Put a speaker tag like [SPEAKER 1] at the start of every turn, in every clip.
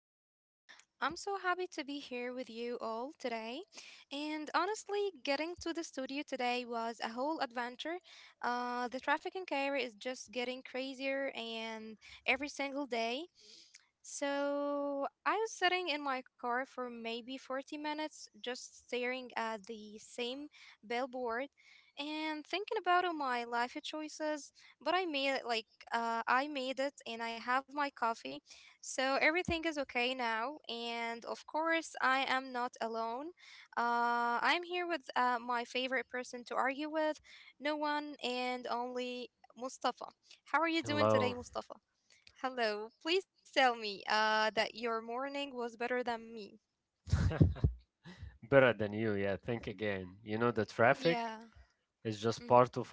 [SPEAKER 1] episode. I'm so happy to be here with you all today. And honestly, getting to the studio today was a whole adventure. The traffic in Cairo is just getting crazier, and every single day. So I was sitting in my car for maybe 40 minutes, just staring at the same billboard and thinking about all my life choices. But I made I made it and I have my coffee. So everything is okay now. And of course, I am not alone. I'm here with my favorite person to argue with, no one and only Mustafa. How are you doing today, Mustafa? Hello. Please tell me that your morning was better than me. Yeah. Mhm.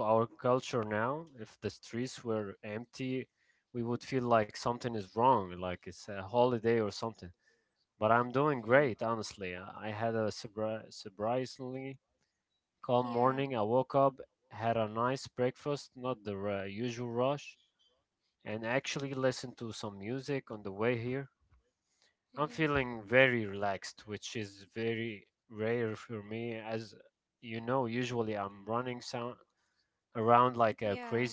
[SPEAKER 1] Mhm. Yeah. Mm-hmm. Yeah.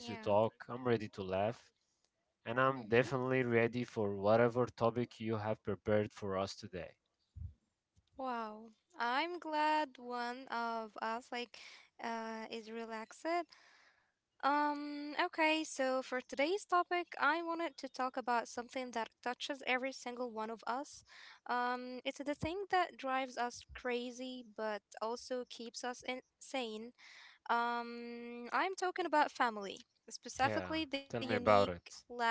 [SPEAKER 1] Yeah. Mm-hmm. Wow. I'm glad one of us is relaxed. Okay, so for today's topic, I wanted to talk about something that touches every single one of us. It's the thing that drives us crazy but also keeps us insane. I'm talking about family, specifically the unique, loud,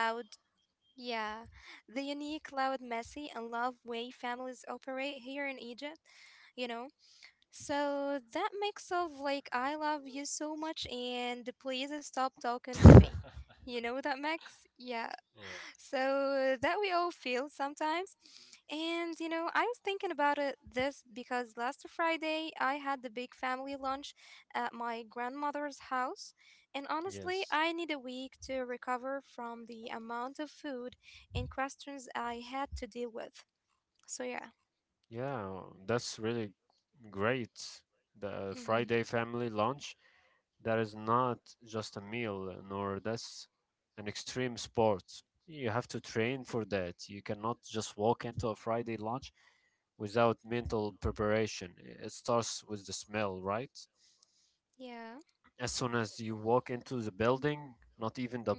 [SPEAKER 1] yeah, the unique, loud, messy, and love way families operate here in Egypt, you know? So that mix of like, I love you so much and please stop talking to me. You know that mix? Yeah. So that we all feel sometimes. And you know, I was thinking about it this because last Friday I had the big family lunch at my grandmother's house. And honestly, I need a week to recover from the amount of food and questions I had to deal with. So yeah. Hmm. Yeah.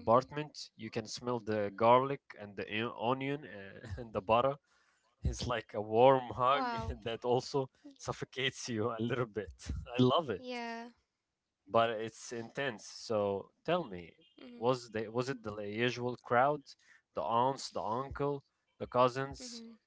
[SPEAKER 1] Hmm. Wow. Yeah. Mm-hmm. Mm-hmm.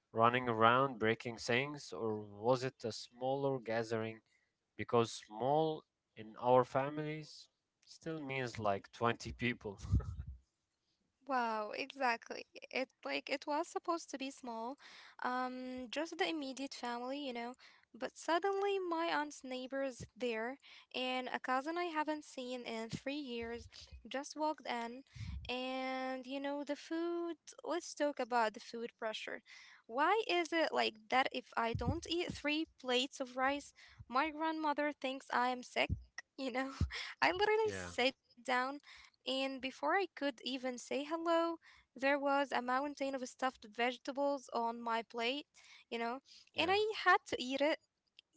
[SPEAKER 1] Wow, exactly. It like it was supposed to be small, just the immediate family, you know. But suddenly, my aunt's neighbors there, and a cousin I haven't seen in 3 years just walked in, and you know the food. Let's talk about the food pressure. Why is it like that? If I don't eat three plates of rice, my grandmother thinks I am sick. You know, I literally sat down and before I could even say hello, there was a mountain of stuffed vegetables on my plate, you know, and I had to eat it.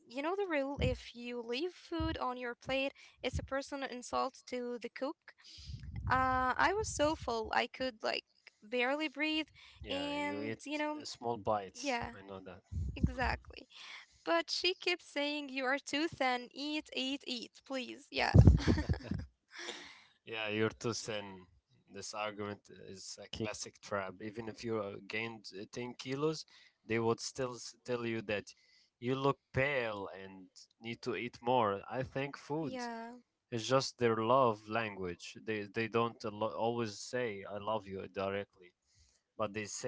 [SPEAKER 1] You know the rule, if you leave food on your plate, it's a personal insult to the cook. I was so full, I could like barely breathe, and you know, yeah, exactly. But she kept saying, "You are too thin, eat, eat, eat, please." Yeah. Yeah,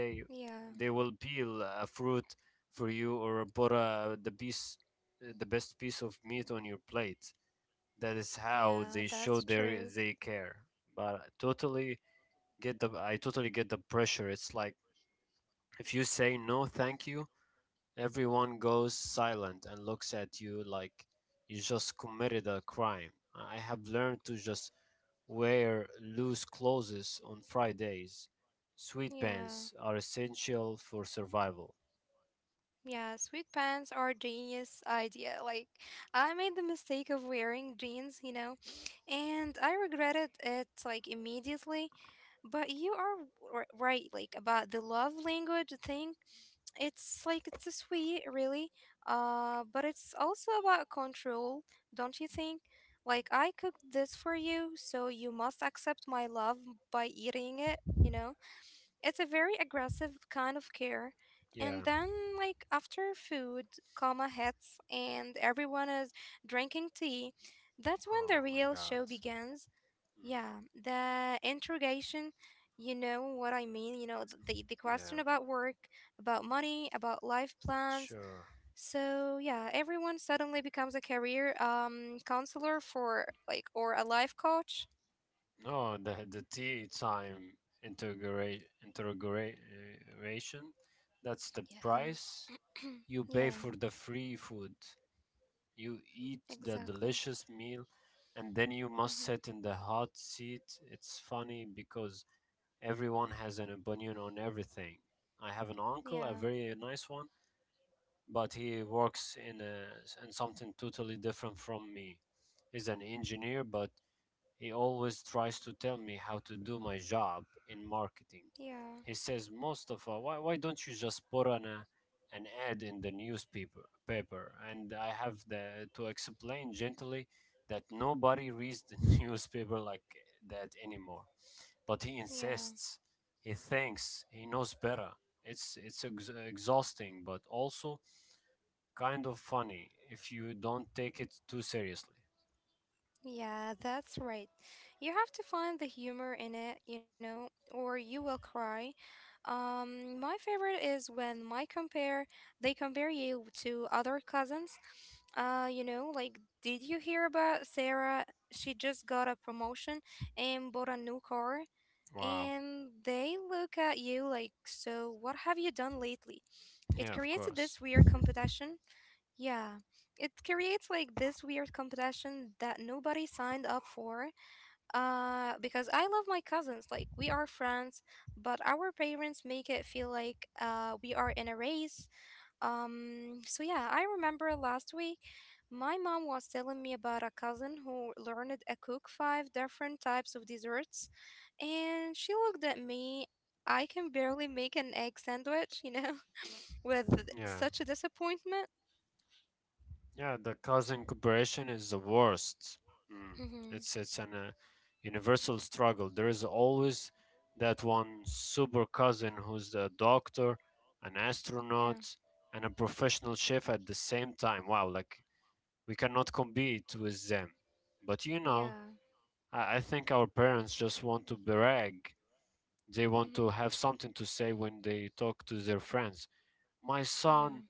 [SPEAKER 1] yeah. Yeah, that's true. Yeah, yeah, sweet pants are genius idea. Like, I made the mistake of wearing jeans, you know, and I regretted it like immediately. But you are right, like about the love language thing. It's like it's a sweet, really. But it's also about control, don't you think? Like, I cooked this for you, so you must accept my love by eating it, you know? It's a very aggressive kind of care. And then, like after food, coma hits and everyone is drinking tea, that's when the real show begins. Yeah, the interrogation, you know what I mean? You know, the question about work, about money, about life plans. So, yeah, everyone suddenly becomes a career counselor for like, or a life coach. Yeah. Yeah, exactly. Hmm. Yeah. Yeah, yeah, yeah, that's right. You have to find the humor in it, you know, or you will cry. My favorite is when my compare they compare you to other cousins. You know, like did you hear about Sarah? She just got a promotion and bought a new car, and they look at you like, so what have you done lately? It created this weird competition Yeah, it creates like this weird competition that nobody signed up for. Because I love my cousins, like we are friends, but our parents make it feel like we are in a race. So yeah, I remember last week my mom was telling me about a cousin who learned to cook five different types of desserts, and she looked at me. I can barely make an egg sandwich, you know, with such a disappointment. Mhm. Yeah. Yeah. Mhm. Yeah.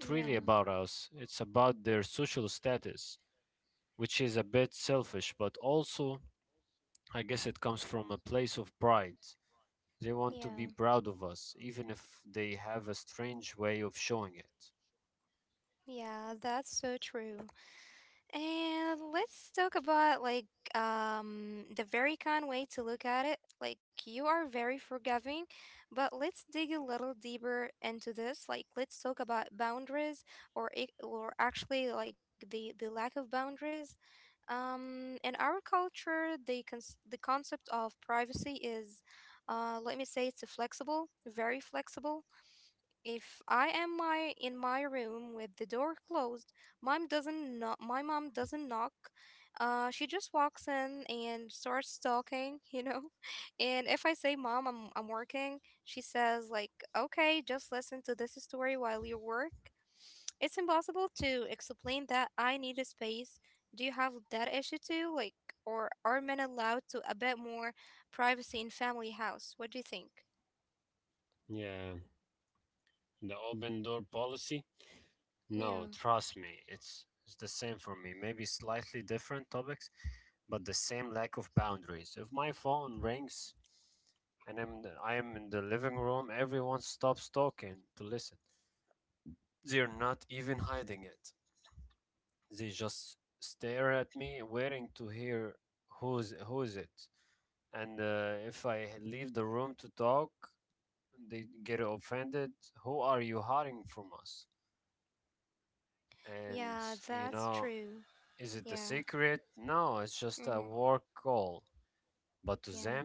[SPEAKER 1] Yeah. Yeah. Yeah, that's so true. And let's talk about the very kind way to look at it. Like you are very forgiving, but let's dig a little deeper into this. Like let's talk about boundaries or actually like the lack of boundaries. In our culture, the concept of privacy is let me say it's a flexible, very flexible if I am my in my room with the door closed, mom doesn't knock, my mom doesn't knock. She just walks in and starts talking, you know. And if I say, "Mom, I'm working," she says like, "Okay, just listen to this story while you work." It's impossible to explain that I need a space. Do you have that issue too? Like, or are men allowed to a bit more privacy in family house? What do you think? Yeah. Yeah, that's true. Yeah. Mm-hmm. Yeah.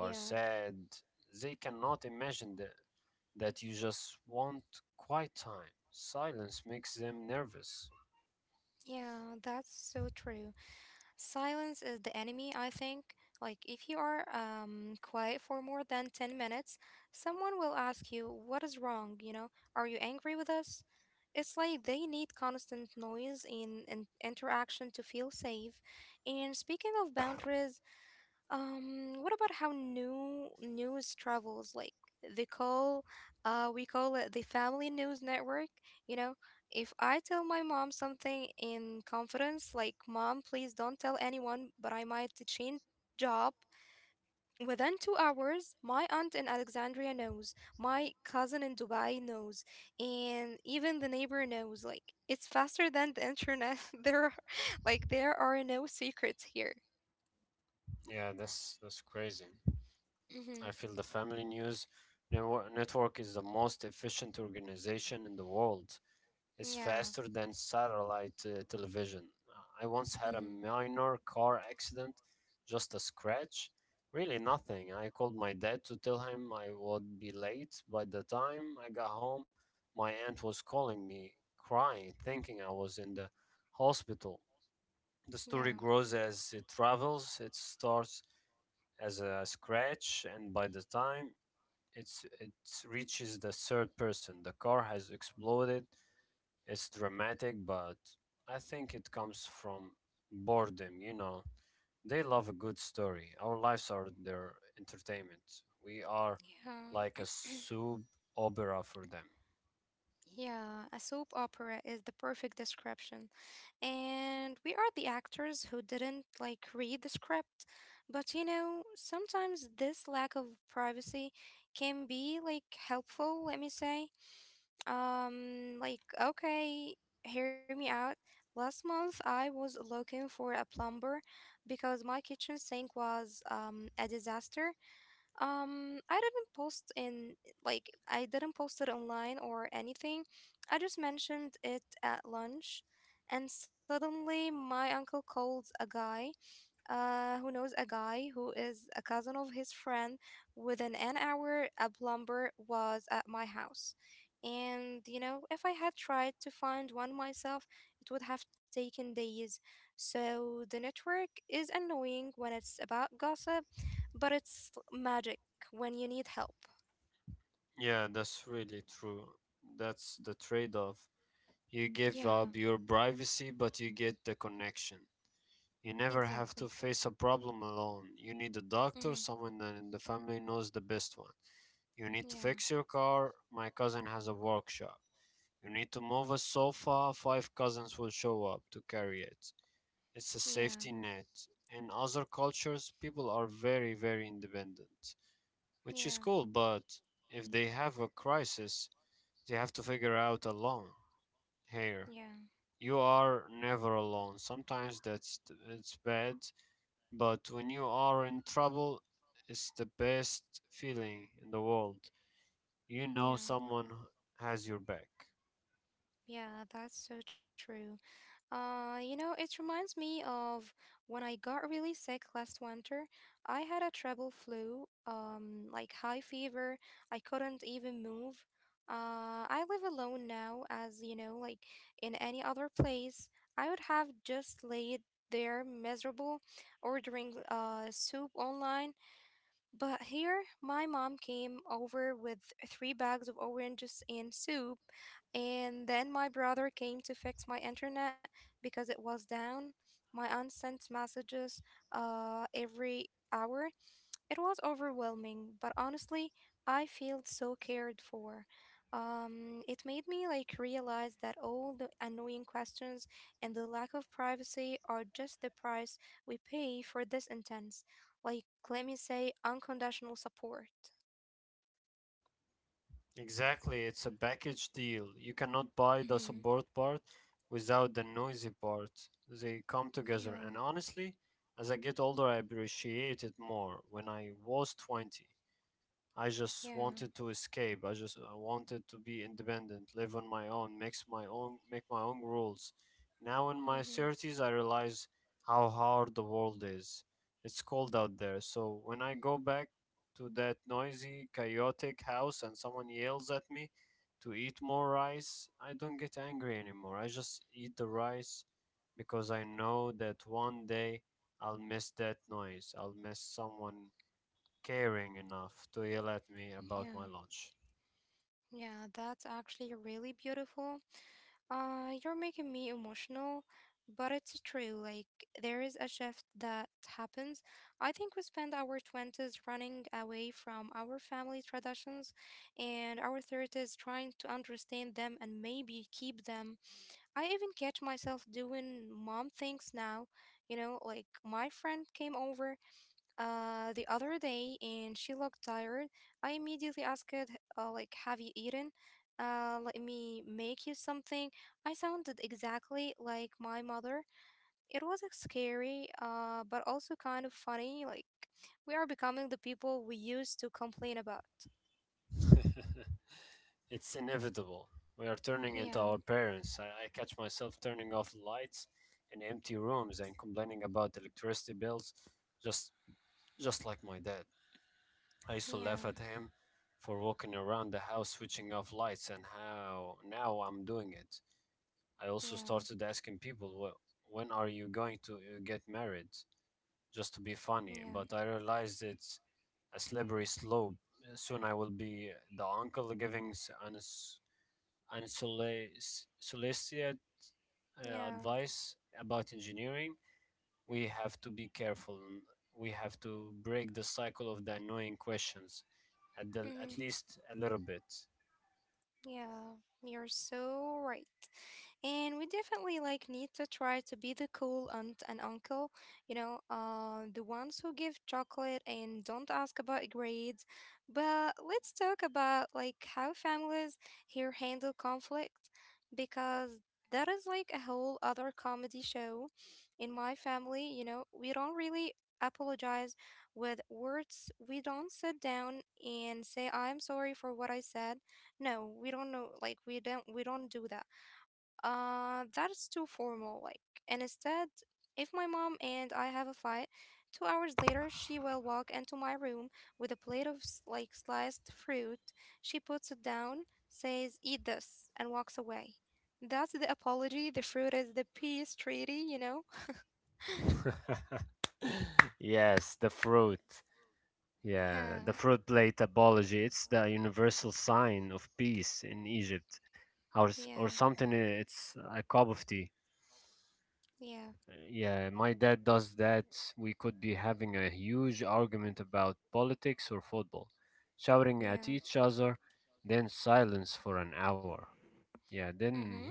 [SPEAKER 1] Yeah. Yeah. That's so true. Silence is the enemy, I think. Like, if you are quiet for more than 10 minutes, someone will ask you, "What is wrong? You know, are you angry with us?" It's like they need constant noise in interaction to feel safe. And speaking of boundaries, what about how news travels? Like they call, we call it the family news network. You know, if I tell my mom something in confidence, like, "Mom, please don't tell anyone," but I might change job within 2 hours. My aunt in Alexandria knows. My cousin in Dubai knows, and even the neighbor knows. Like it's faster than the internet. There are no secrets here. Mm-hmm. Yeah. Mm-hmm. Yeah, yeah, yeah. A soap opera is the perfect description. And we are the actors who didn't like read the script. But you know, sometimes this lack of privacy can be like helpful, let me say. Like, okay, hear me out. Last month I was looking for a plumber because my kitchen sink was a disaster. Um, I didn't post in I didn't post it online or anything. I just mentioned it at lunch, and suddenly my uncle called a guy who knows a guy who is a cousin of his friend. Within an hour, a plumber was at my house. And, you know, if I had tried to find one myself, it would have taken days. So the network is annoying when it's about gossip, but it's magic when you need help. Yeah, exactly. Mm-hmm. Yeah, yeah, yeah, yeah, yeah, yeah, that's so true. You know, it reminds me of when I got really sick last winter. I had a treble flu, like high fever. I couldn't even move. I live alone now, as you know, like in any other place, I would have just laid there miserable, ordering soup online, but here, my mom came over with three bags of oranges and soup, and then my brother came to fix my internet because it was down. My aunt sent messages every hour. It was overwhelming, but honestly, I felt so cared for. It made me like realize that all the annoying questions and the lack of privacy are just the price we pay for this intense, like, let me say, unconditional support. Mhm. Yeah, yeah, hmm, yeah, yeah. That's actually really beautiful. You're making me emotional, but it's true. Like, there is a shift that happens. I think we spend our 20s running away from our family traditions and our 30s trying to understand them and maybe keep them. I even catch myself doing mom things now. You know, like my friend came over the other day and she looked tired. I immediately asked it, like, "Have you eaten? Let me make you something." I sounded exactly like my mother. It was like, scary, but also kind of funny. Like, we are becoming the people we used to complain about. Yeah, yeah, yeah, yeah, yeah, hmm, yeah. You're so right. And we definitely like need to try to be the cool aunt and uncle, you know, the ones who give chocolate and don't ask about grades. But let's talk about like how families here handle conflict, because that is like a whole other comedy show. In my family, you know, we don't really apologize with words. We don't sit down and say, "I'm sorry for what I said." No, we don't do that. That's too formal. Like, and instead, if my mom and I have a fight, 2 hours later, she will walk into my room with a plate of sliced fruit. She puts it down, says, "Eat this," and walks away. That's the apology. The fruit is the peace treaty, you know? Yeah, yeah, yeah, yeah. Mm-hmm.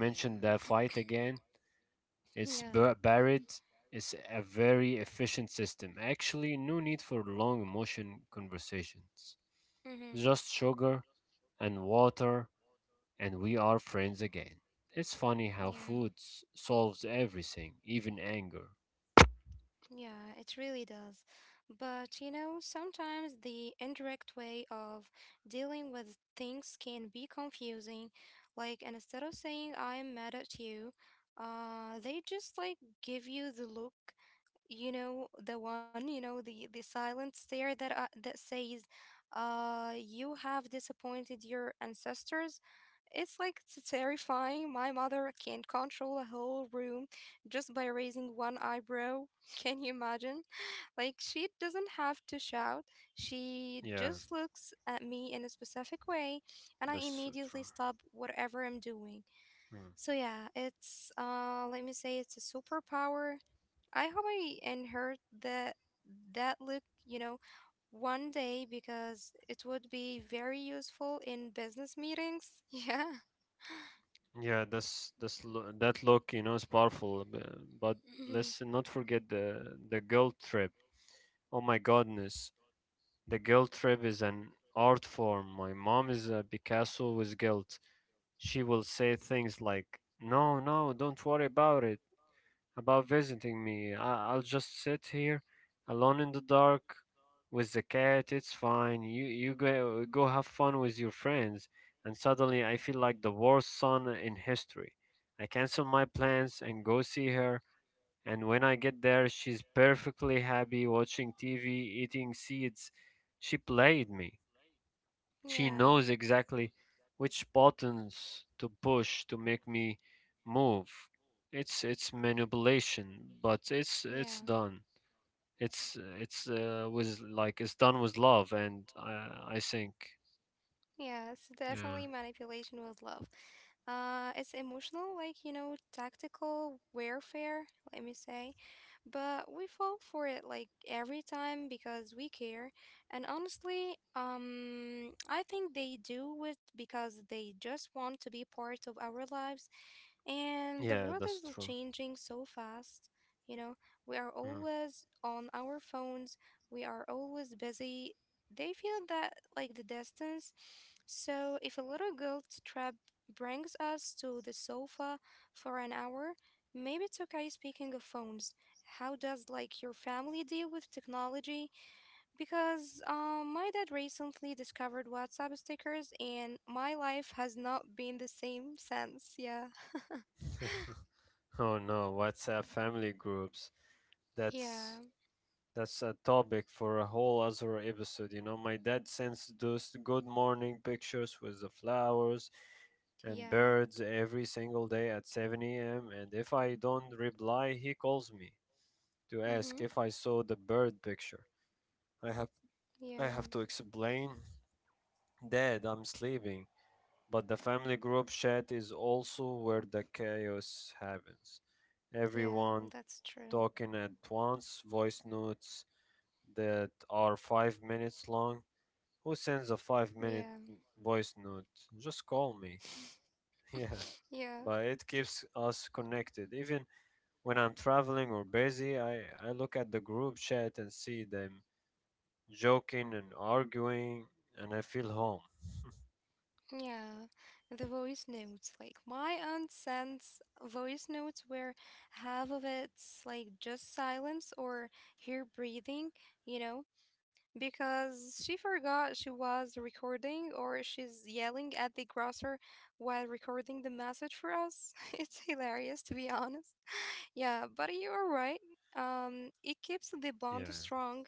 [SPEAKER 1] Yeah. Yeah. Mm-hmm. Yeah. Yeah, it really does. But you know, sometimes the indirect way of dealing with things can be confusing. Like, and instead of saying I'm mad at you, they just like give you the look, you know, the one, you know, the silent stare that that says, you have disappointed your ancestors. It's like terrifying. My mother can control a whole room just by raising one eyebrow. Can you imagine? Like, she doesn't have to shout. She just looks at me in a specific way, and I immediately stop whatever I'm doing. So, yeah, it's, let me say, it's a superpower. I hope I inherit that, that look, you know, one day because it would be very useful in business meetings. Yeah. Mhm. Yeah. Yeah. Yes, definitely manipulation with love. It's emotional, like, you know, tactical warfare, let me say. But we fall for it like every time because we care. And honestly, I think they do it because they just want to be part of our lives. And the world is changing so fast. You know, we are always on our phones. We are always busy. They feel that like the distance. So if a little guilt trap brings us to the sofa for an hour, maybe it's okay. Speaking of phones, how does like your family deal with technology? Because my dad recently discovered WhatsApp stickers and my life has not been the same since. Yeah. Yeah. Yeah. Mm-hmm. Yeah. Yeah. That's true. Yeah. Yeah. Yeah, the voice notes. Like my aunt sends voice notes where half of it's like just silence or her breathing, you know, because she forgot she was recording or she's yelling at the grocer while recording the message for us. It's hilarious to be honest. Yeah, but you are right. It keeps the bond strong.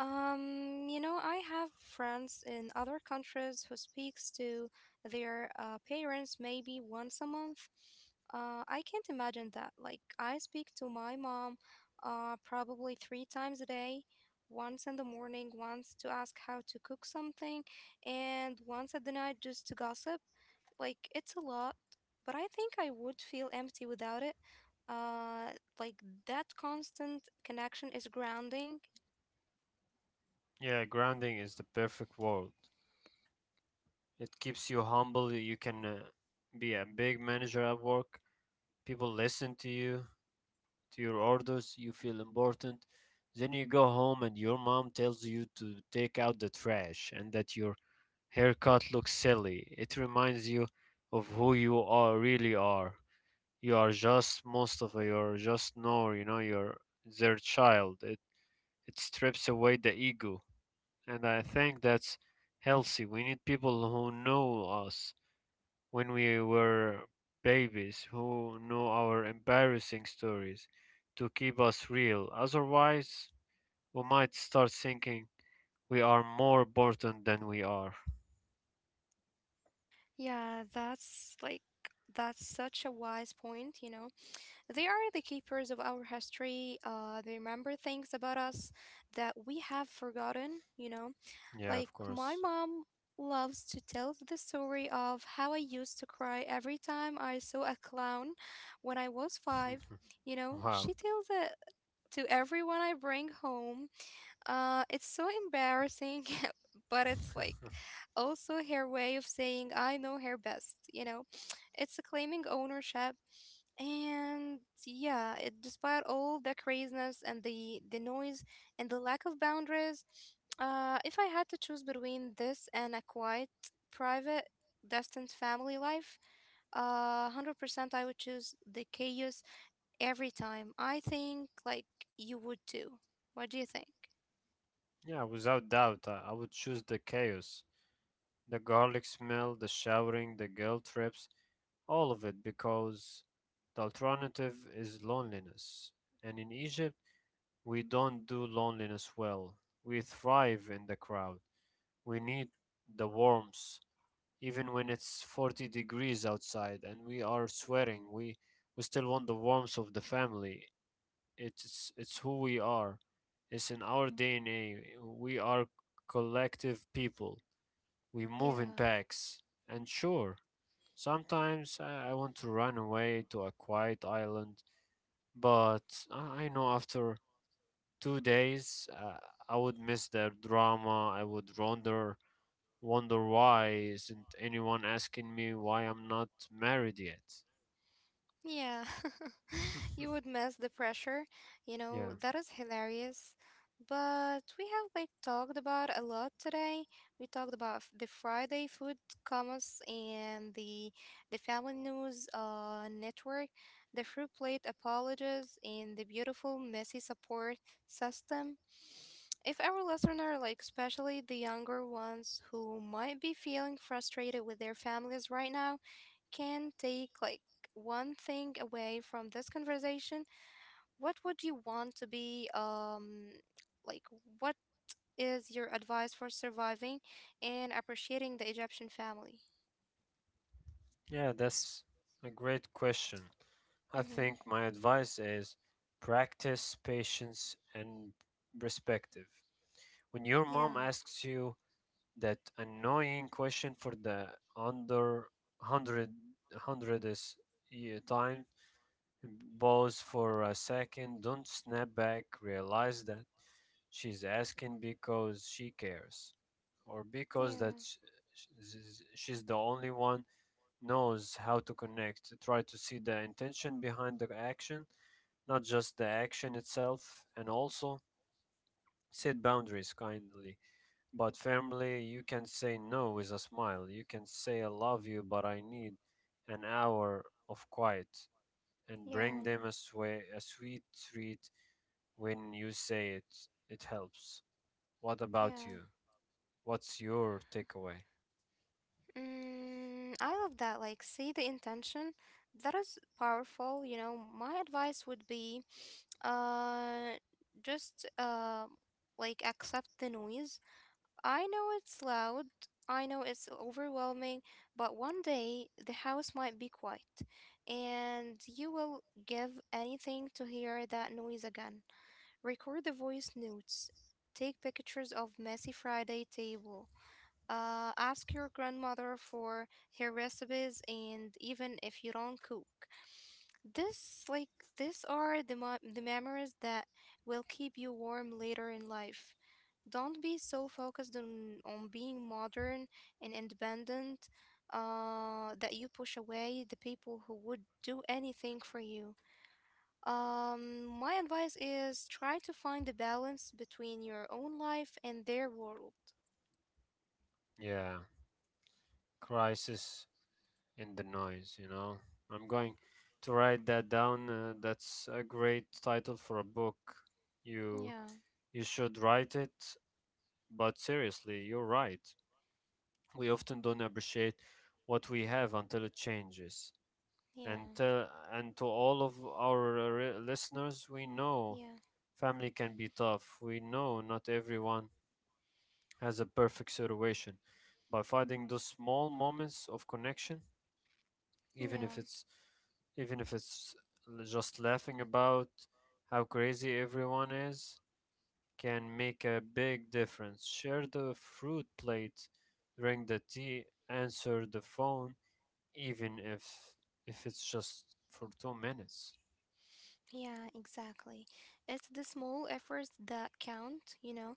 [SPEAKER 1] You know, I have friends in other countries who speaks to their parents maybe once a month. I can't imagine that. Like, I speak to my mom probably 3 times a day, once in the morning, once to ask how to cook something, and once at the night just to gossip. Like, it's a lot, but I think I would feel empty without it. Uh, like, that constant connection is grounding. Yeah, that's such a wise point, you know. They are the keepers of our history. They remember things about us that we have forgotten, you know. Like my mom loves to tell the story of how I used to cry every time I saw a clown when I was 5. You know, she tells it to everyone I bring home, it's so embarrassing, but it's like also her way of saying I know her best, you know. It's a claiming ownership and yeah, it, despite all the craziness and the noise and the lack of boundaries, if I had to choose between this and a quiet, private, distant family life, 100% I would choose the chaos every time. I think like you would too. What do you think? Yeah. Yeah, you would miss the pressure. You know, that is hilarious. But we have like talked about a lot today. We talked about the Friday food commas and the Family News network, the fruit plate apologies, and the beautiful messy support system. If our listener, like especially the younger ones who might be feeling frustrated with their families right now can take like one thing away from this conversation, what would you want to be like what is your advice for surviving and appreciating the Egyptian family? Mm-hmm. Yeah. Yeah. Yeah. Yeah. Mm, I love that. Like, see the intention. That is powerful. You know, my advice would be, uh, just like accept the noise. I know it's loud. I know it's overwhelming, but one day the house might be quiet, and you will give anything to hear that noise again. Record the voice notes. Take pictures of messy Friday table. Ask your grandmother for her recipes, and even if you don't cook, this like these are the memories that will keep you warm later in life. Don't be so focused on being modern and independent, that you push away the people who would do anything for you. My advice is try to find the balance between your own life and their world. Yeah, yeah, yeah. Yeah, yeah, exactly. It's the small efforts that count, you know.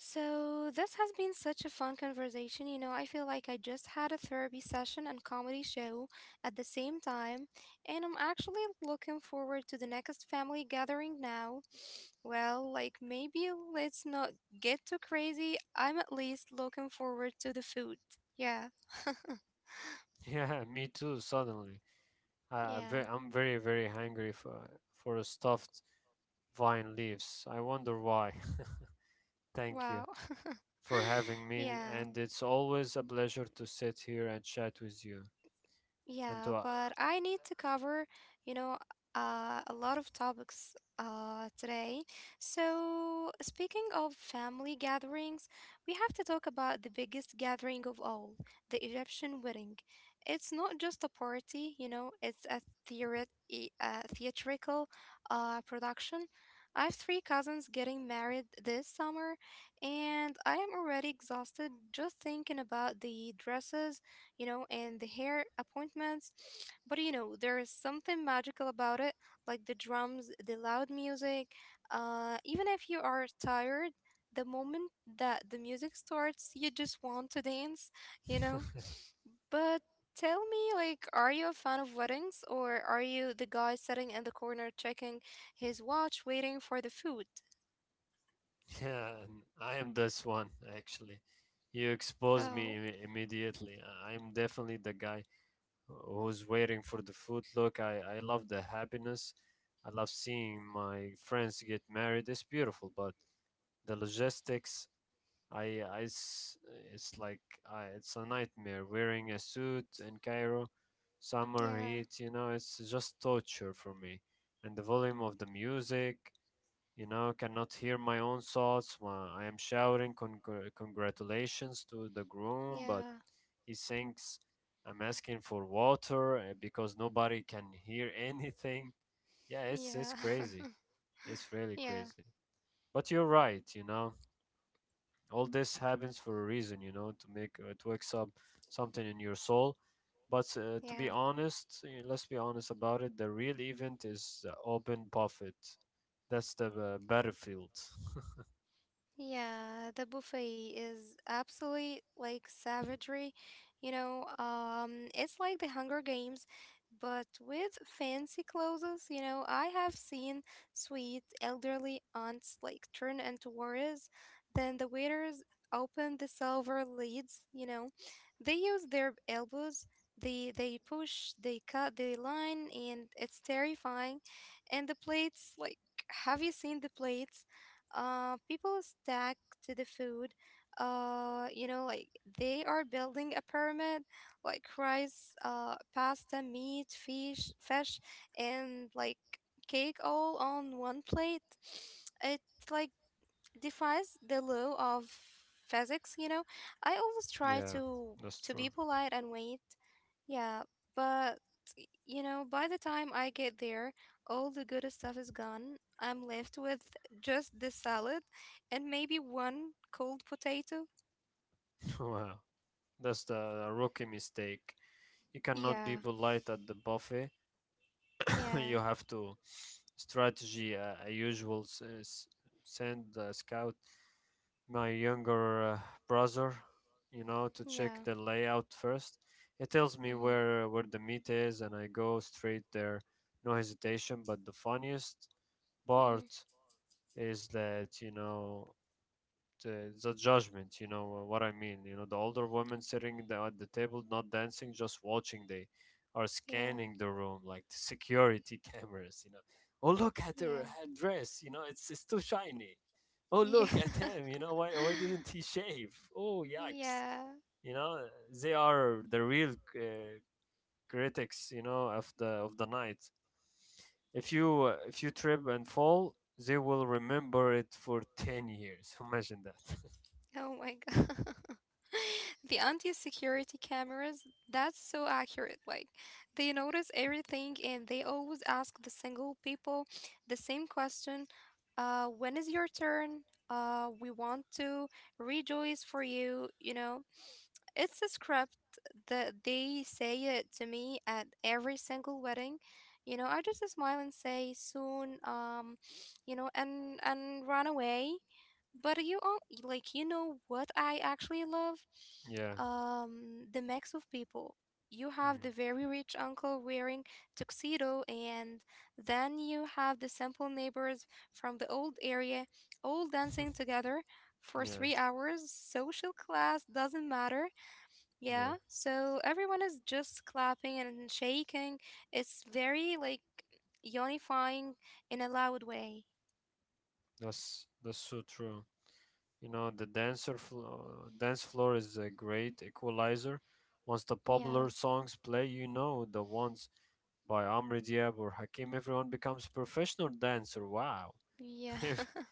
[SPEAKER 1] So this has been such a fun conversation, you know. I feel like I just had a therapy session and comedy show at the same time, and I'm actually looking forward to the next family gathering now. Well, like maybe let's not get too crazy. I'm at least looking forward to the food. Yeah, yeah. Wow. Yeah. Yeah, but I need to cover, you know, a lot of topics today. So, speaking of family gatherings, we have to talk about the biggest gathering of all, the Egyptian wedding. It's not just a party, you know, it's a theatrical production. I have three cousins getting married this summer, and I am already exhausted just thinking about the dresses, you know, and the hair appointments. But you know, there is something magical about it, like the drums, the loud music. Even if you are tired, the moment that the music starts, you just want to dance, you know. But tell me, like, are you a fan of weddings or are you the guy sitting in the corner checking his watch, waiting for the food? Oh, yeah, yeah, yeah, yeah, yeah. Yeah, the buffet is absolutely like savagery. You know, it's like the Hunger Games, but with fancy clothes. You know, I have seen sweet elderly aunts like turn into warriors. Then the waiters open the silver lids. You know, they use their elbows. They push. They cut the line, and it's terrifying. And the plates, like, have you seen the plates? People stack to the food. You know, like they are building a pyramid, like rice, pasta, meat, fish, fish, and like cake all on one plate. It like defies the law of physics. You know, I always try to be polite and wait. Yeah, but you know, by the time I get there, all the good stuff is gone. I'm left with just the salad and maybe one cold potato. Yeah, yeah, yeah. Mm-hmm, mm-hmm, yeah, yeah, yeah, yeah. Oh my God. The anti-security cameras, that's so accurate. Like, they notice everything and they always ask the single people the same question. When is your turn? We want to rejoice for you, you know. It's a script that they say it to me at every single wedding. You know, I just smile and say soon, you know, and run away. But you all like you know what I actually love? The mix of people. You have the very rich uncle wearing tuxedo, and then you have the simple neighbors from the old area all dancing together for 3 hours. Social class doesn't matter. Yeah, so everyone is just clapping and shaking. It's very like unifying in a loud way. Yeah, yeah.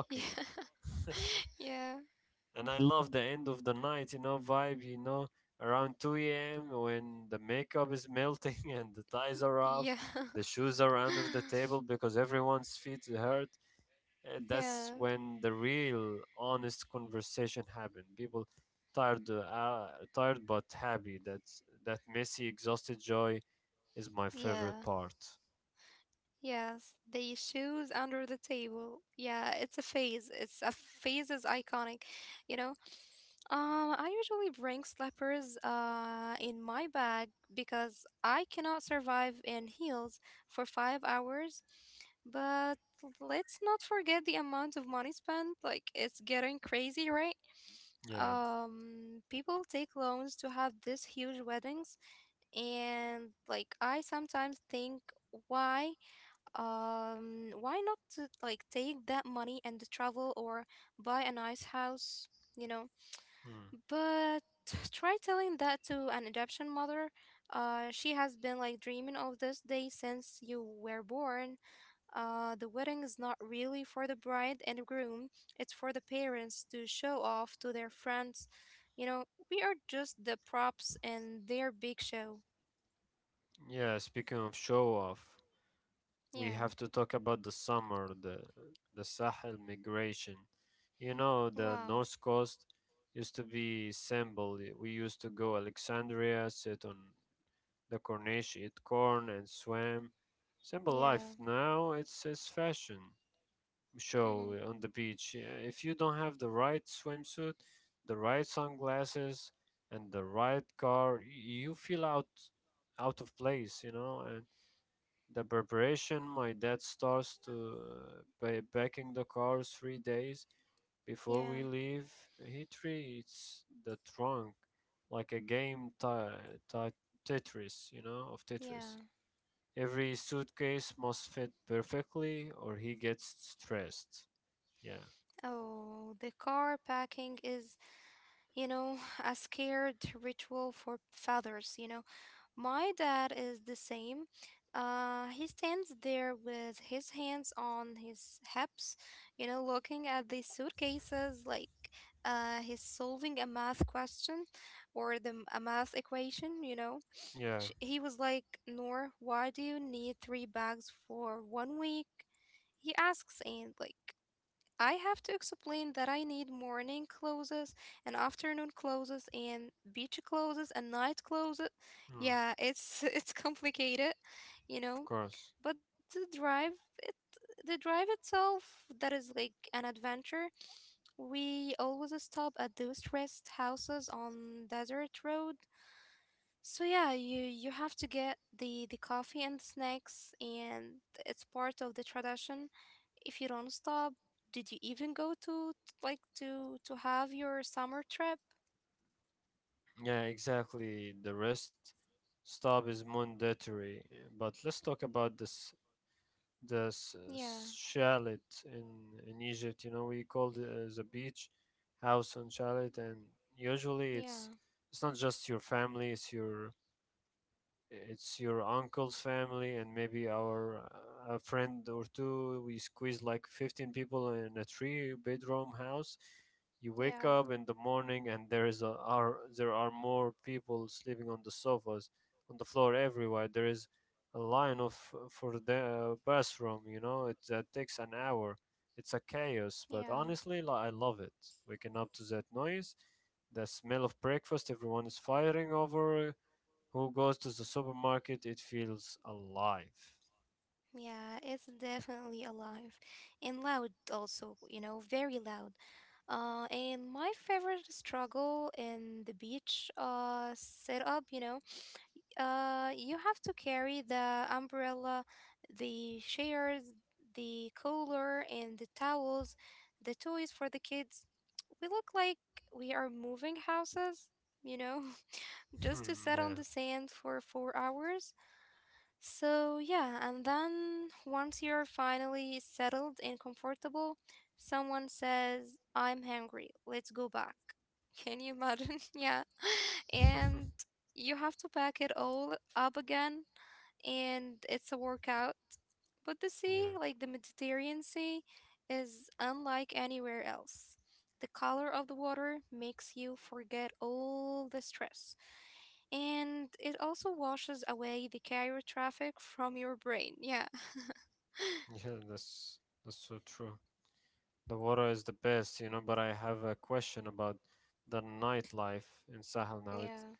[SPEAKER 1] Yeah. Yeah. Yeah. Yeah. Yeah. Yes. The shoes under the table. Yeah, it's a phase. It's a phase is iconic, you know. I usually bring slippers in my bag because I cannot survive in heels for 5 hours. But let's not forget the amount of money spent. Like it's getting crazy, right? People take loans to have these huge weddings, and like I sometimes think, why why not to like take that money and travel or buy a nice house, you know? But try telling that to an adoption mother. She has been like dreaming of this day since you were born. The wedding is not really for the bride and the groom, it's for the parents to show off to their friends. You know, we are just the props in their big show. Yeah. Wow. Yeah. Mm-hmm. Yeah. Yeah. Oh, the car packing is, you know, a scared ritual for fathers, you know. My dad is the same. He stands there with his hands on his hips, you know, looking at the suitcases like he's solving a math question or a math equation, you know. Sh he was like, "Nor, why do you need three bags for one week?" He asks, and I have to explain that I need morning clothes and afternoon clothes and beach clothes and night clothes. Yeah, it's it's complicated, you know. But the drive it the drive itself, that is like an adventure. We always stop at those rest houses on desert road, so yeah, you have to get the coffee and snacks, and it's part of the tradition. If you don't stop, did you even go to like to have your summer trip? Yeah, yeah, yeah, yeah. Yeah, it's definitely alive and loud also, you know, very loud. And my favorite struggle in the beach setup, you have to carry the umbrella, the chairs, the cooler, and the towels, the toys for the kids. We look like we are moving houses, you know, just to sit on the sand for 4 hours. So, yeah, and then once you're finally settled and comfortable, someone says, "I'm hungry, let's go back." Can you imagine? Yeah. And you have to pack it all up again, and it's a workout. But the sea, like the Mediterranean Sea, is unlike anywhere else. The color of the water makes you forget all the stress. And it also washes away the carrier traffic from your brain. Yeah. Yeah,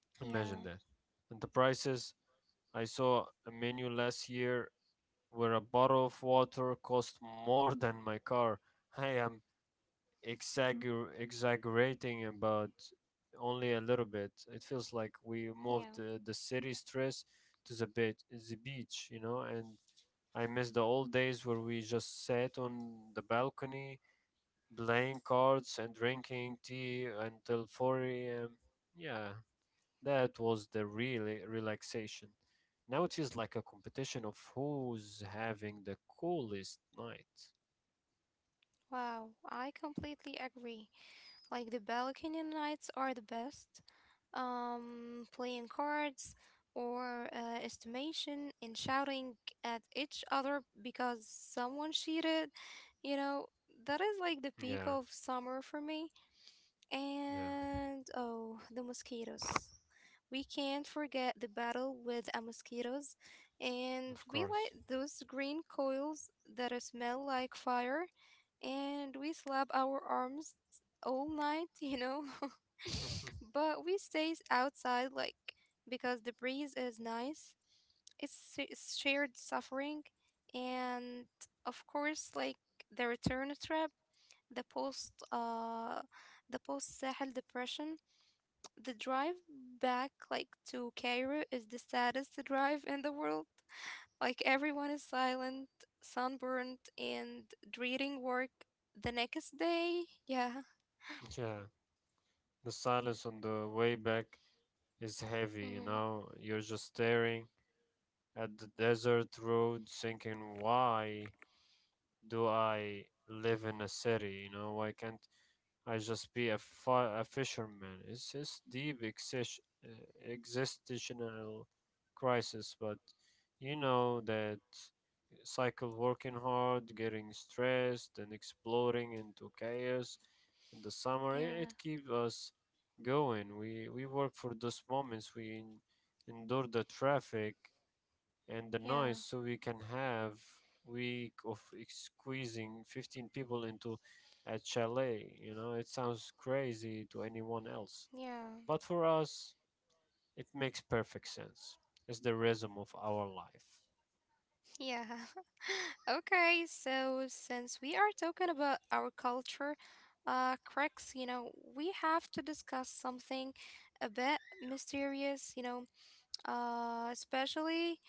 [SPEAKER 1] yeah, yeah. Wow, I completely agree. Like the balcony nights are the best. Playing cards or estimation and shouting at each other because someone cheated, you know, that is like the peak of summer for me. And oh, the mosquitoes. We can't forget the battle with mosquitoes, and we light those green coils that smell like fire, and we slap our arms all night. But we stay outside, like, because the breeze is nice, it's shared suffering, and of course, like, the return trip, the the post Sahel depression, the drive back like to Cairo is the saddest drive in the world. Like everyone is silent, sunburned, and dreading work the next day. Yeah. Mm-hmm. Yeah. Yeah. Yeah. Yeah. Okay, so since we are talking about our culture, cracks, you know, we have to discuss something a bit mysterious, you know, especially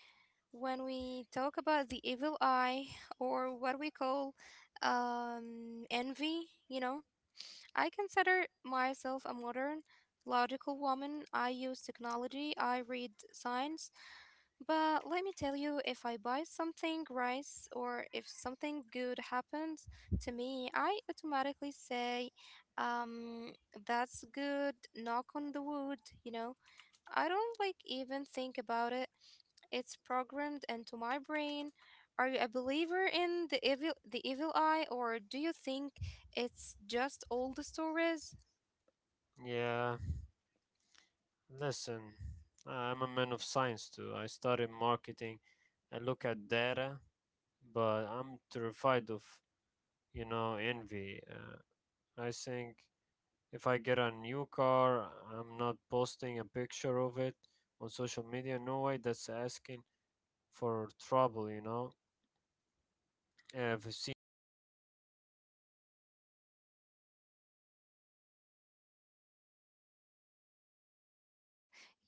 [SPEAKER 1] when we talk about the evil eye or what we call envy, you know. I consider myself a modern, logical woman. I use technology, I read science, but let me tell you, if I buy something rice or if something good happens to me, I automatically say, um, that's good, knock on the wood, you know. I don't like even think about it. It's programmed into my brain. Are you a believer in the evil eye, or do you think it's just old stories?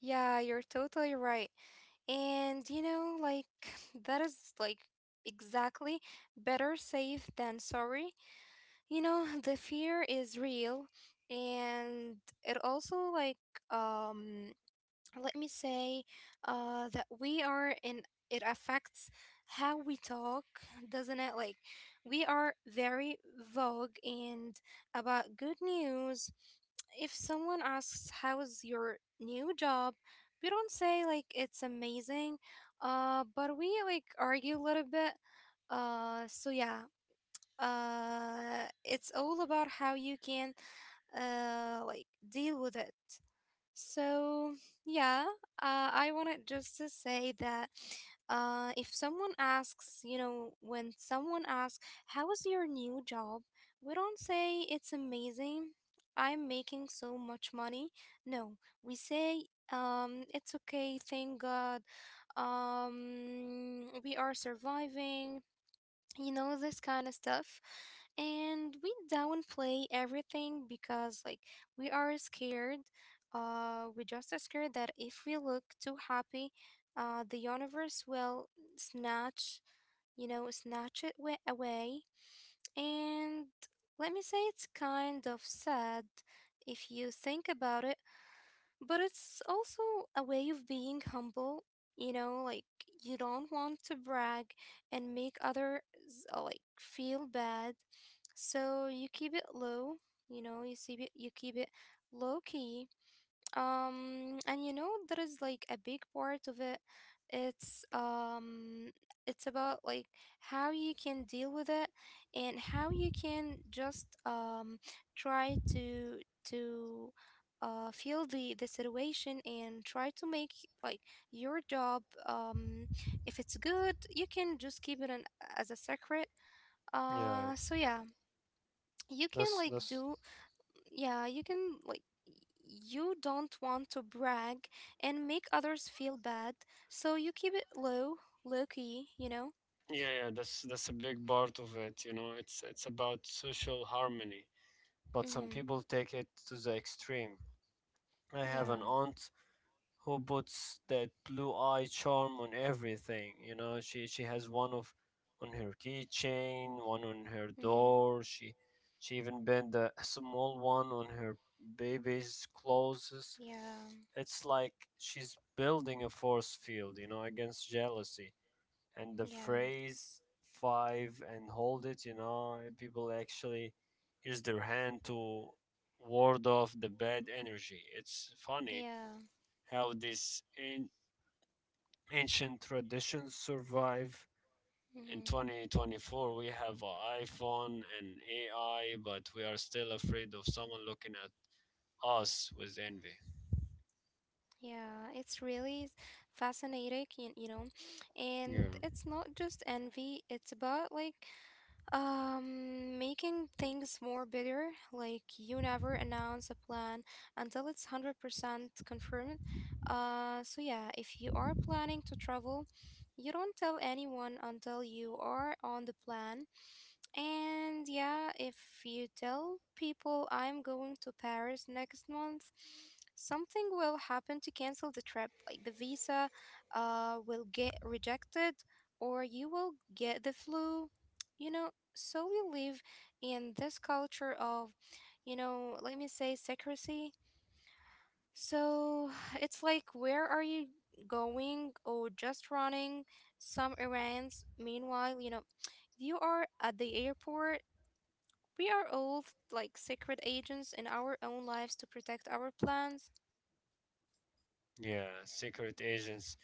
[SPEAKER 1] Yeah, you're totally right. And you know, like that is like exactly better safe than sorry. You know, the fear is real, and it also like um let me say that we are in it affects how we talk, doesn't it, like we are very vogue and about good news. If someone asks, "How's your new job?" we don't say like it's amazing, but we like argue a little bit. So yeah, it's all about how you can like deal with it. So, yeah, I wanted just to say that if someone asks, you know, when someone asks, "How is your new job?" we don't say, "It's amazing. I'm making so much money." No, we say, "It's okay, thank God. We are surviving," you know, this kind of stuff. And we downplay everything because like we are scared. We just are scared that if we look too happy the universe will snatch, you know, snatch it away. And let me say it's kind of sad if you think about it, but it's also a way of being humble, you know, like you don't want to brag and make others like feel bad. So you keep it low, you know, you see it, you keep it low key. And you know, there is like a big part of it. It's um, it's about like how you can deal with it and how you can just try to feel the situation and try to make like your job, if it's good you can just keep it as a secret.
[SPEAKER 2] Yeah,
[SPEAKER 1] So yeah, you
[SPEAKER 2] that's
[SPEAKER 1] can like
[SPEAKER 2] that's
[SPEAKER 1] do. Yeah, you can like, you don't want to brag and make others feel bad, so you keep it low, low key, you know.
[SPEAKER 2] yeah, that's a big part of it, you know. It's about social harmony, but some
[SPEAKER 1] Mhm.
[SPEAKER 2] people take it to the extreme. I have
[SPEAKER 1] Yeah.
[SPEAKER 2] an aunt who puts that blue eye charm on everything, you know. She has one of on her keychain, one on her
[SPEAKER 1] Mhm.
[SPEAKER 2] door. She even bent a small one on her baby's clothes.
[SPEAKER 1] Yeah.
[SPEAKER 2] It's like she's building a force field, you know, against jealousy and the
[SPEAKER 1] Yeah.
[SPEAKER 2] phrase five and hold it, you know, people actually use their hand to ward off the bad energy. It's funny
[SPEAKER 1] Yeah.
[SPEAKER 2] how ancient traditions survive. In
[SPEAKER 1] Mhm.
[SPEAKER 2] 2024, we have an iPhone and AI, but we are still afraid of someone looking at us with envy.
[SPEAKER 1] Yeah, it's really fascinating, you know.
[SPEAKER 2] Yeah.
[SPEAKER 1] And it's not just envy, it's about like making things more bitter, like you never announce a plan until it's 100% confirmed. So yeah, if you are planning to travel, you don't tell anyone until you are on the plan. And yeah, if you tell people, "I'm going to Paris next month," something will happen to cancel the trip. Like the visa will get rejected, or you will get the flu. You know, so we live in this culture of, you know, let me say, secrecy. So it's like, "Where are you going?" or just running some errands." Meanwhile, you know, you are at the airport. We are all like secret agents in our own lives to protect our plans.
[SPEAKER 2] Yeah, secret agents.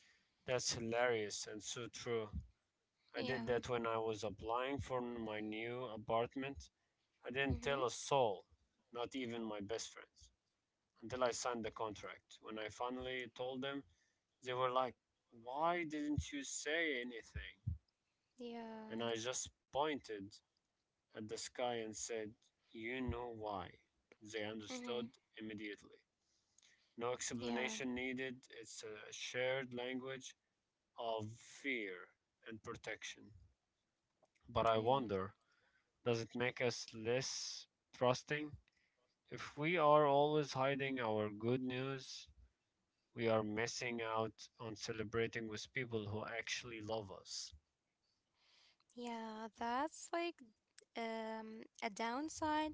[SPEAKER 2] That's hilarious and so true. I
[SPEAKER 1] Yeah.
[SPEAKER 2] did that when I was applying for my new apartment. I didn't tell
[SPEAKER 1] Mhm.
[SPEAKER 2] a soul, not even my best friends, until I signed the contract. When I finally told them, they were like, "Why didn't you say anything?" And
[SPEAKER 1] Yeah.
[SPEAKER 2] I just pointed at the sky and said, "You know why." They
[SPEAKER 1] Mhm.
[SPEAKER 2] understood immediately. No
[SPEAKER 1] Yeah.
[SPEAKER 2] explanation needed. It's a shared language of fear and protection. But I
[SPEAKER 1] Yeah.
[SPEAKER 2] wonder, does it make us less trusting? If we are always hiding our good news, we are missing out on celebrating with people who actually love us.
[SPEAKER 1] Yeah, that's like a downside.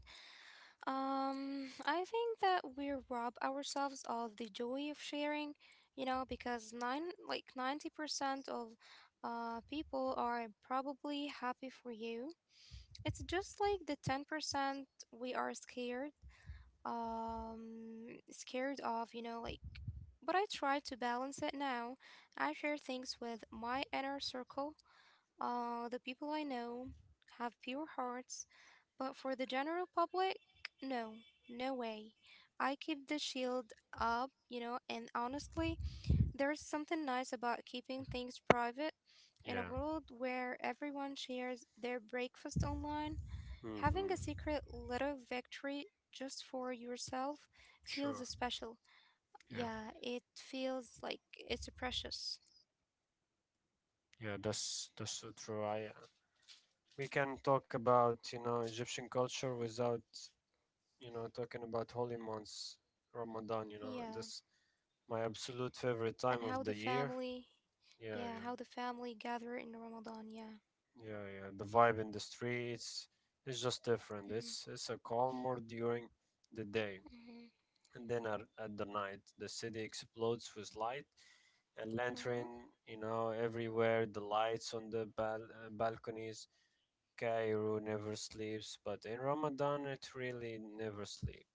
[SPEAKER 1] I think that we rob ourselves of the joy of sharing, you know, because nine like 90% of people are probably happy for you. It's just like the 10% we are scared scared of, you know, like. But I try to balance it now. I share things with my inner circle, the people I know have pure hearts, but for the general public, no. No way. I keep the shield up, you know, and honestly, there's something nice about keeping things private in a
[SPEAKER 2] Yeah.
[SPEAKER 1] world where everyone shares their breakfast online. Having
[SPEAKER 2] Mm-hmm.
[SPEAKER 1] a secret little victory just for yourself feels
[SPEAKER 2] Sure.
[SPEAKER 1] special.
[SPEAKER 2] Yeah.
[SPEAKER 1] Yeah, it feels like it's precious.
[SPEAKER 2] Yeah, that's so true. I We can talk about, you know, Egyptian culture without, you know, talking about holy months, Ramadan. You know,
[SPEAKER 1] Yeah.
[SPEAKER 2] that's my absolute favorite
[SPEAKER 1] And
[SPEAKER 2] time
[SPEAKER 1] how
[SPEAKER 2] of
[SPEAKER 1] the
[SPEAKER 2] the year.
[SPEAKER 1] family,
[SPEAKER 2] Yeah.
[SPEAKER 1] yeah,
[SPEAKER 2] Yeah.
[SPEAKER 1] how the family gather in Ramadan. Yeah.
[SPEAKER 2] Yeah, yeah. The vibe in the streets is just different.
[SPEAKER 1] Mm-hmm.
[SPEAKER 2] It's a calmer during the day,
[SPEAKER 1] Mm-hmm.
[SPEAKER 2] and then at the night, the city explodes with light and
[SPEAKER 1] Hmm.
[SPEAKER 2] lantern. You know, everywhere the lights on the balconies. Cairo never sleeps, but in Ramadan it really never sleeps.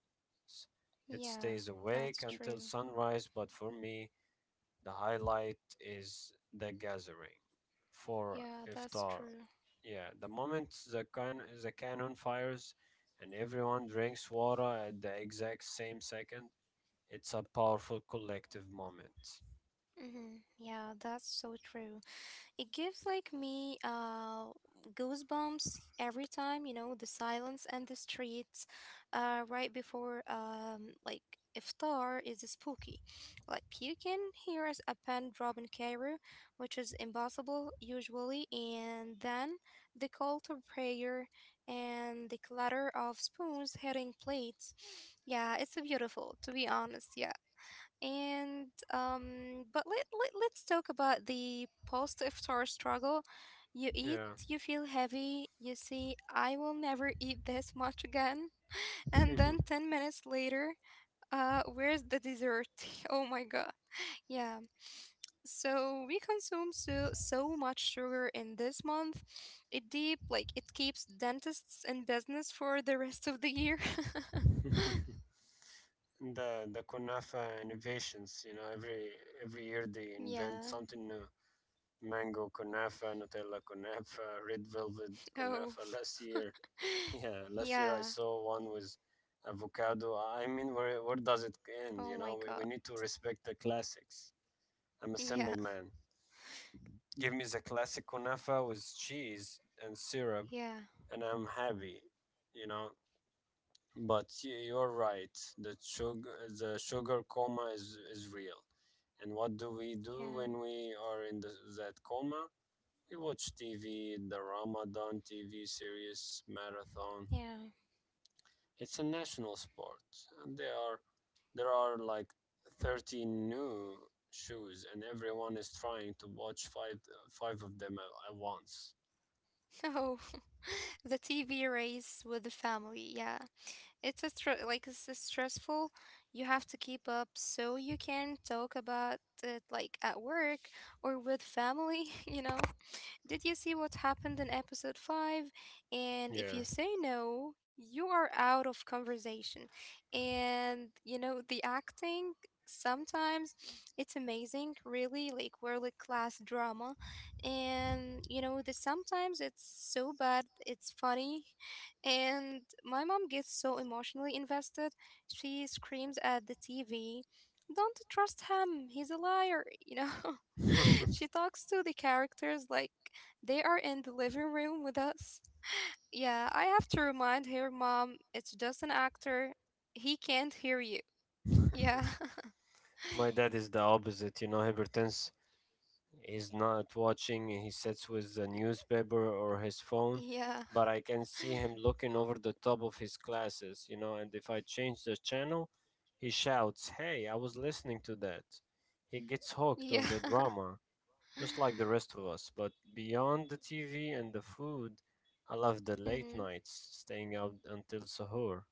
[SPEAKER 2] It
[SPEAKER 1] Yeah,
[SPEAKER 2] stays
[SPEAKER 1] that's
[SPEAKER 2] awake
[SPEAKER 1] true.
[SPEAKER 2] until sunrise. But for me, the highlight is the gathering for
[SPEAKER 1] Yeah, that's
[SPEAKER 2] iftar.
[SPEAKER 1] true.
[SPEAKER 2] Yeah, the moment the cannon fires and everyone drinks water at the exact same second, it's a powerful collective moment.
[SPEAKER 1] Mm-hmm. Yeah, that's so true. It gives like me goosebumps every time, you know, the silence and the streets right before like iftar is spooky. Like you can hear us a pen drop in Cairo, which is impossible usually, and then the call to prayer and the clatter of spoons hitting plates. Yeah, it's beautiful to be honest. Yeah. And but let let's talk about the post iftar struggle. You eat,
[SPEAKER 2] Yeah.
[SPEAKER 1] you feel heavy, you say, "I will never eat this much again." And then 10 minutes later, where's the dessert? Oh my God. Yeah. So we consume so much sugar in this month. It deep like it keeps dentists in business for the rest of the year.
[SPEAKER 2] The kunafa innovations, you know, every year they
[SPEAKER 1] Yeah.
[SPEAKER 2] invent something new. Mango kunafa, Nutella kunafa, red velvet
[SPEAKER 1] Oh.
[SPEAKER 2] kunafa. Last year, yeah, last year I
[SPEAKER 1] Yeah.
[SPEAKER 2] saw one with avocado. I mean, where does it
[SPEAKER 1] Oh
[SPEAKER 2] end? You
[SPEAKER 1] my
[SPEAKER 2] know,
[SPEAKER 1] god.
[SPEAKER 2] we need to respect the classics. I'm a
[SPEAKER 1] Yeah,
[SPEAKER 2] simple man. Give me the classic kunafa with cheese and syrup,
[SPEAKER 1] yeah,
[SPEAKER 2] and I'm happy. You know, but you're right. The sugar coma is real. And what do we do
[SPEAKER 1] yeah,
[SPEAKER 2] when we are in that coma? We watch TV, the Ramadan TV series marathon.
[SPEAKER 1] yeah.
[SPEAKER 2] It's a national sport, and there are like 30 new shoes, and everyone is trying to watch five of them at once.
[SPEAKER 1] Oh, the TV race with the family. Yeah, it's a like it's a stressful. You have to keep up so you can talk about it like at work or with family. You know. Did you see what happened in episode 5? And
[SPEAKER 2] Yeah.
[SPEAKER 1] if you say no, you are out of conversation. And you know, the acting sometimes it's amazing, really, like world class drama. And you know, the sometimes it's so bad, it's funny. And my mom gets so emotionally invested, she screams at the TV. "Don't trust him. He's a liar," you know. She talks to the characters like they are in the living room with us. Yeah, I have to remind her, "Mom, it's just an actor. He can't hear you." Yeah,
[SPEAKER 2] My dad is the opposite, you know, hypertense. He's not watching, he sits with the newspaper or his phone,
[SPEAKER 1] yeah,
[SPEAKER 2] but I can see him looking over the top of his glasses, you know, and if I change the channel, he shouts, "Hey, I was listening to that." He gets hooked
[SPEAKER 1] yeah.
[SPEAKER 2] on the drama just like the rest of us. But beyond the TV and the food, I love the late
[SPEAKER 1] Mm-hmm.
[SPEAKER 2] nights, staying out until sahur,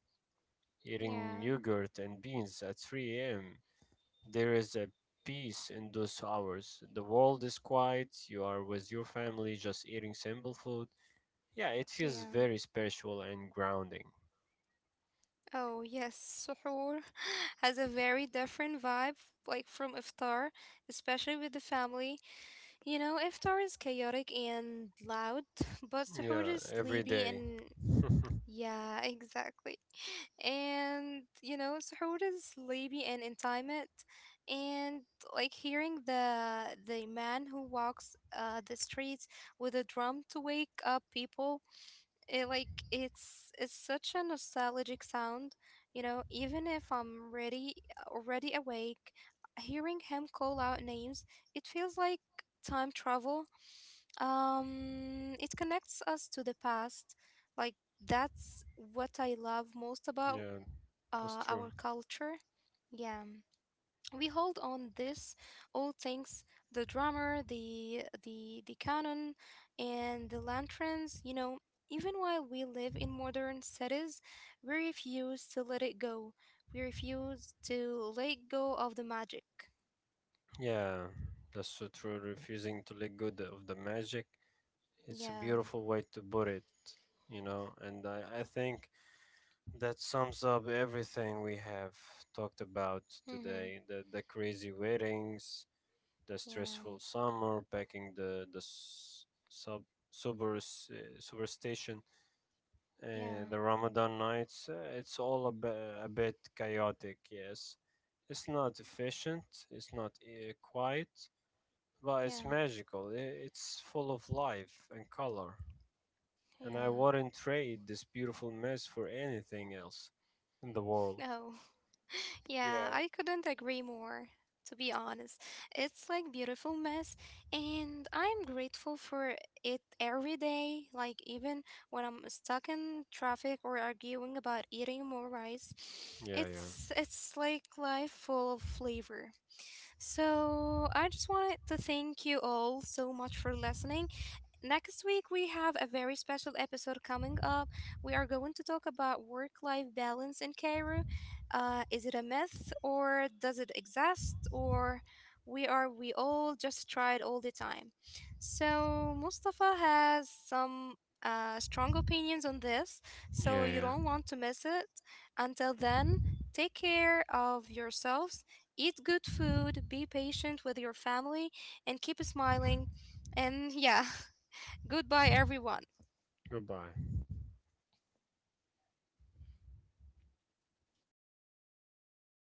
[SPEAKER 1] Yeah,
[SPEAKER 2] eating yogurt and beans at 3 a.m. There is a peace in those hours. The world is quiet, you are with your family just eating simple food. Yeah, it feels
[SPEAKER 1] yeah.
[SPEAKER 2] very spiritual and grounding.
[SPEAKER 1] Oh, yes, suhoor has a very different vibe, like from iftar, especially with the family. You know, iftar is chaotic and loud, but suhoor
[SPEAKER 2] Yeah,
[SPEAKER 1] is
[SPEAKER 2] every
[SPEAKER 1] sleepy
[SPEAKER 2] day.
[SPEAKER 1] and. Yeah, exactly. And you know, سحور is sleepy and intimate, and like hearing the man who walks the streets with a drum to wake up people, it like it's such a nostalgic sound, you know. Even if I'm ready already awake, hearing him call out names, it feels like time travel. It connects us to the past, like that's what I love most about
[SPEAKER 2] Yeah, that's true.
[SPEAKER 1] our culture. Yeah, we hold on this all things, the drummer, the the cannon, and the lanterns. You know, even while we live in modern cities, we refuse to let it go. We refuse to let go of the magic.
[SPEAKER 2] Yeah, that's so true. Refusing to let go of the magic. It's a
[SPEAKER 1] Yeah.
[SPEAKER 2] beautiful way to put it, you know, and I think that sums up everything we have talked about
[SPEAKER 1] Mm-hmm.
[SPEAKER 2] today. The crazy weddings, the
[SPEAKER 1] Yeah.
[SPEAKER 2] stressful summer, packing the superstition,
[SPEAKER 1] Yeah.
[SPEAKER 2] the Ramadan nights. It's all a bit chaotic, yes. It's not efficient. It's not quiet, but it's
[SPEAKER 1] Yeah.
[SPEAKER 2] magical. It's full of life and color, and I
[SPEAKER 1] Yeah.
[SPEAKER 2] wouldn't trade this beautiful mess for anything else in the world.
[SPEAKER 1] Oh. Yeah,
[SPEAKER 2] Yeah.
[SPEAKER 1] I couldn't agree more, to be honest. It's like beautiful mess, and I'm grateful for it every day, like even when I'm stuck in traffic or arguing about eating more rice.
[SPEAKER 2] Yeah, yeah.
[SPEAKER 1] It's like life full of flavor. So, I just wanted to thank you all so much for listening. Next week, we have a very special episode coming up. We are going to talk about work life balance in Cairo. Is it a myth or does it exist, or we are we all just tried all the time? So, Mustafa has some strong opinions on this,
[SPEAKER 2] Yeah,
[SPEAKER 1] so
[SPEAKER 2] yeah.
[SPEAKER 1] you don't want to miss it. Until then, take care of yourselves, eat good food, be patient with your family, and keep smiling. And yeah. Goodbye, everyone.
[SPEAKER 2] Goodbye.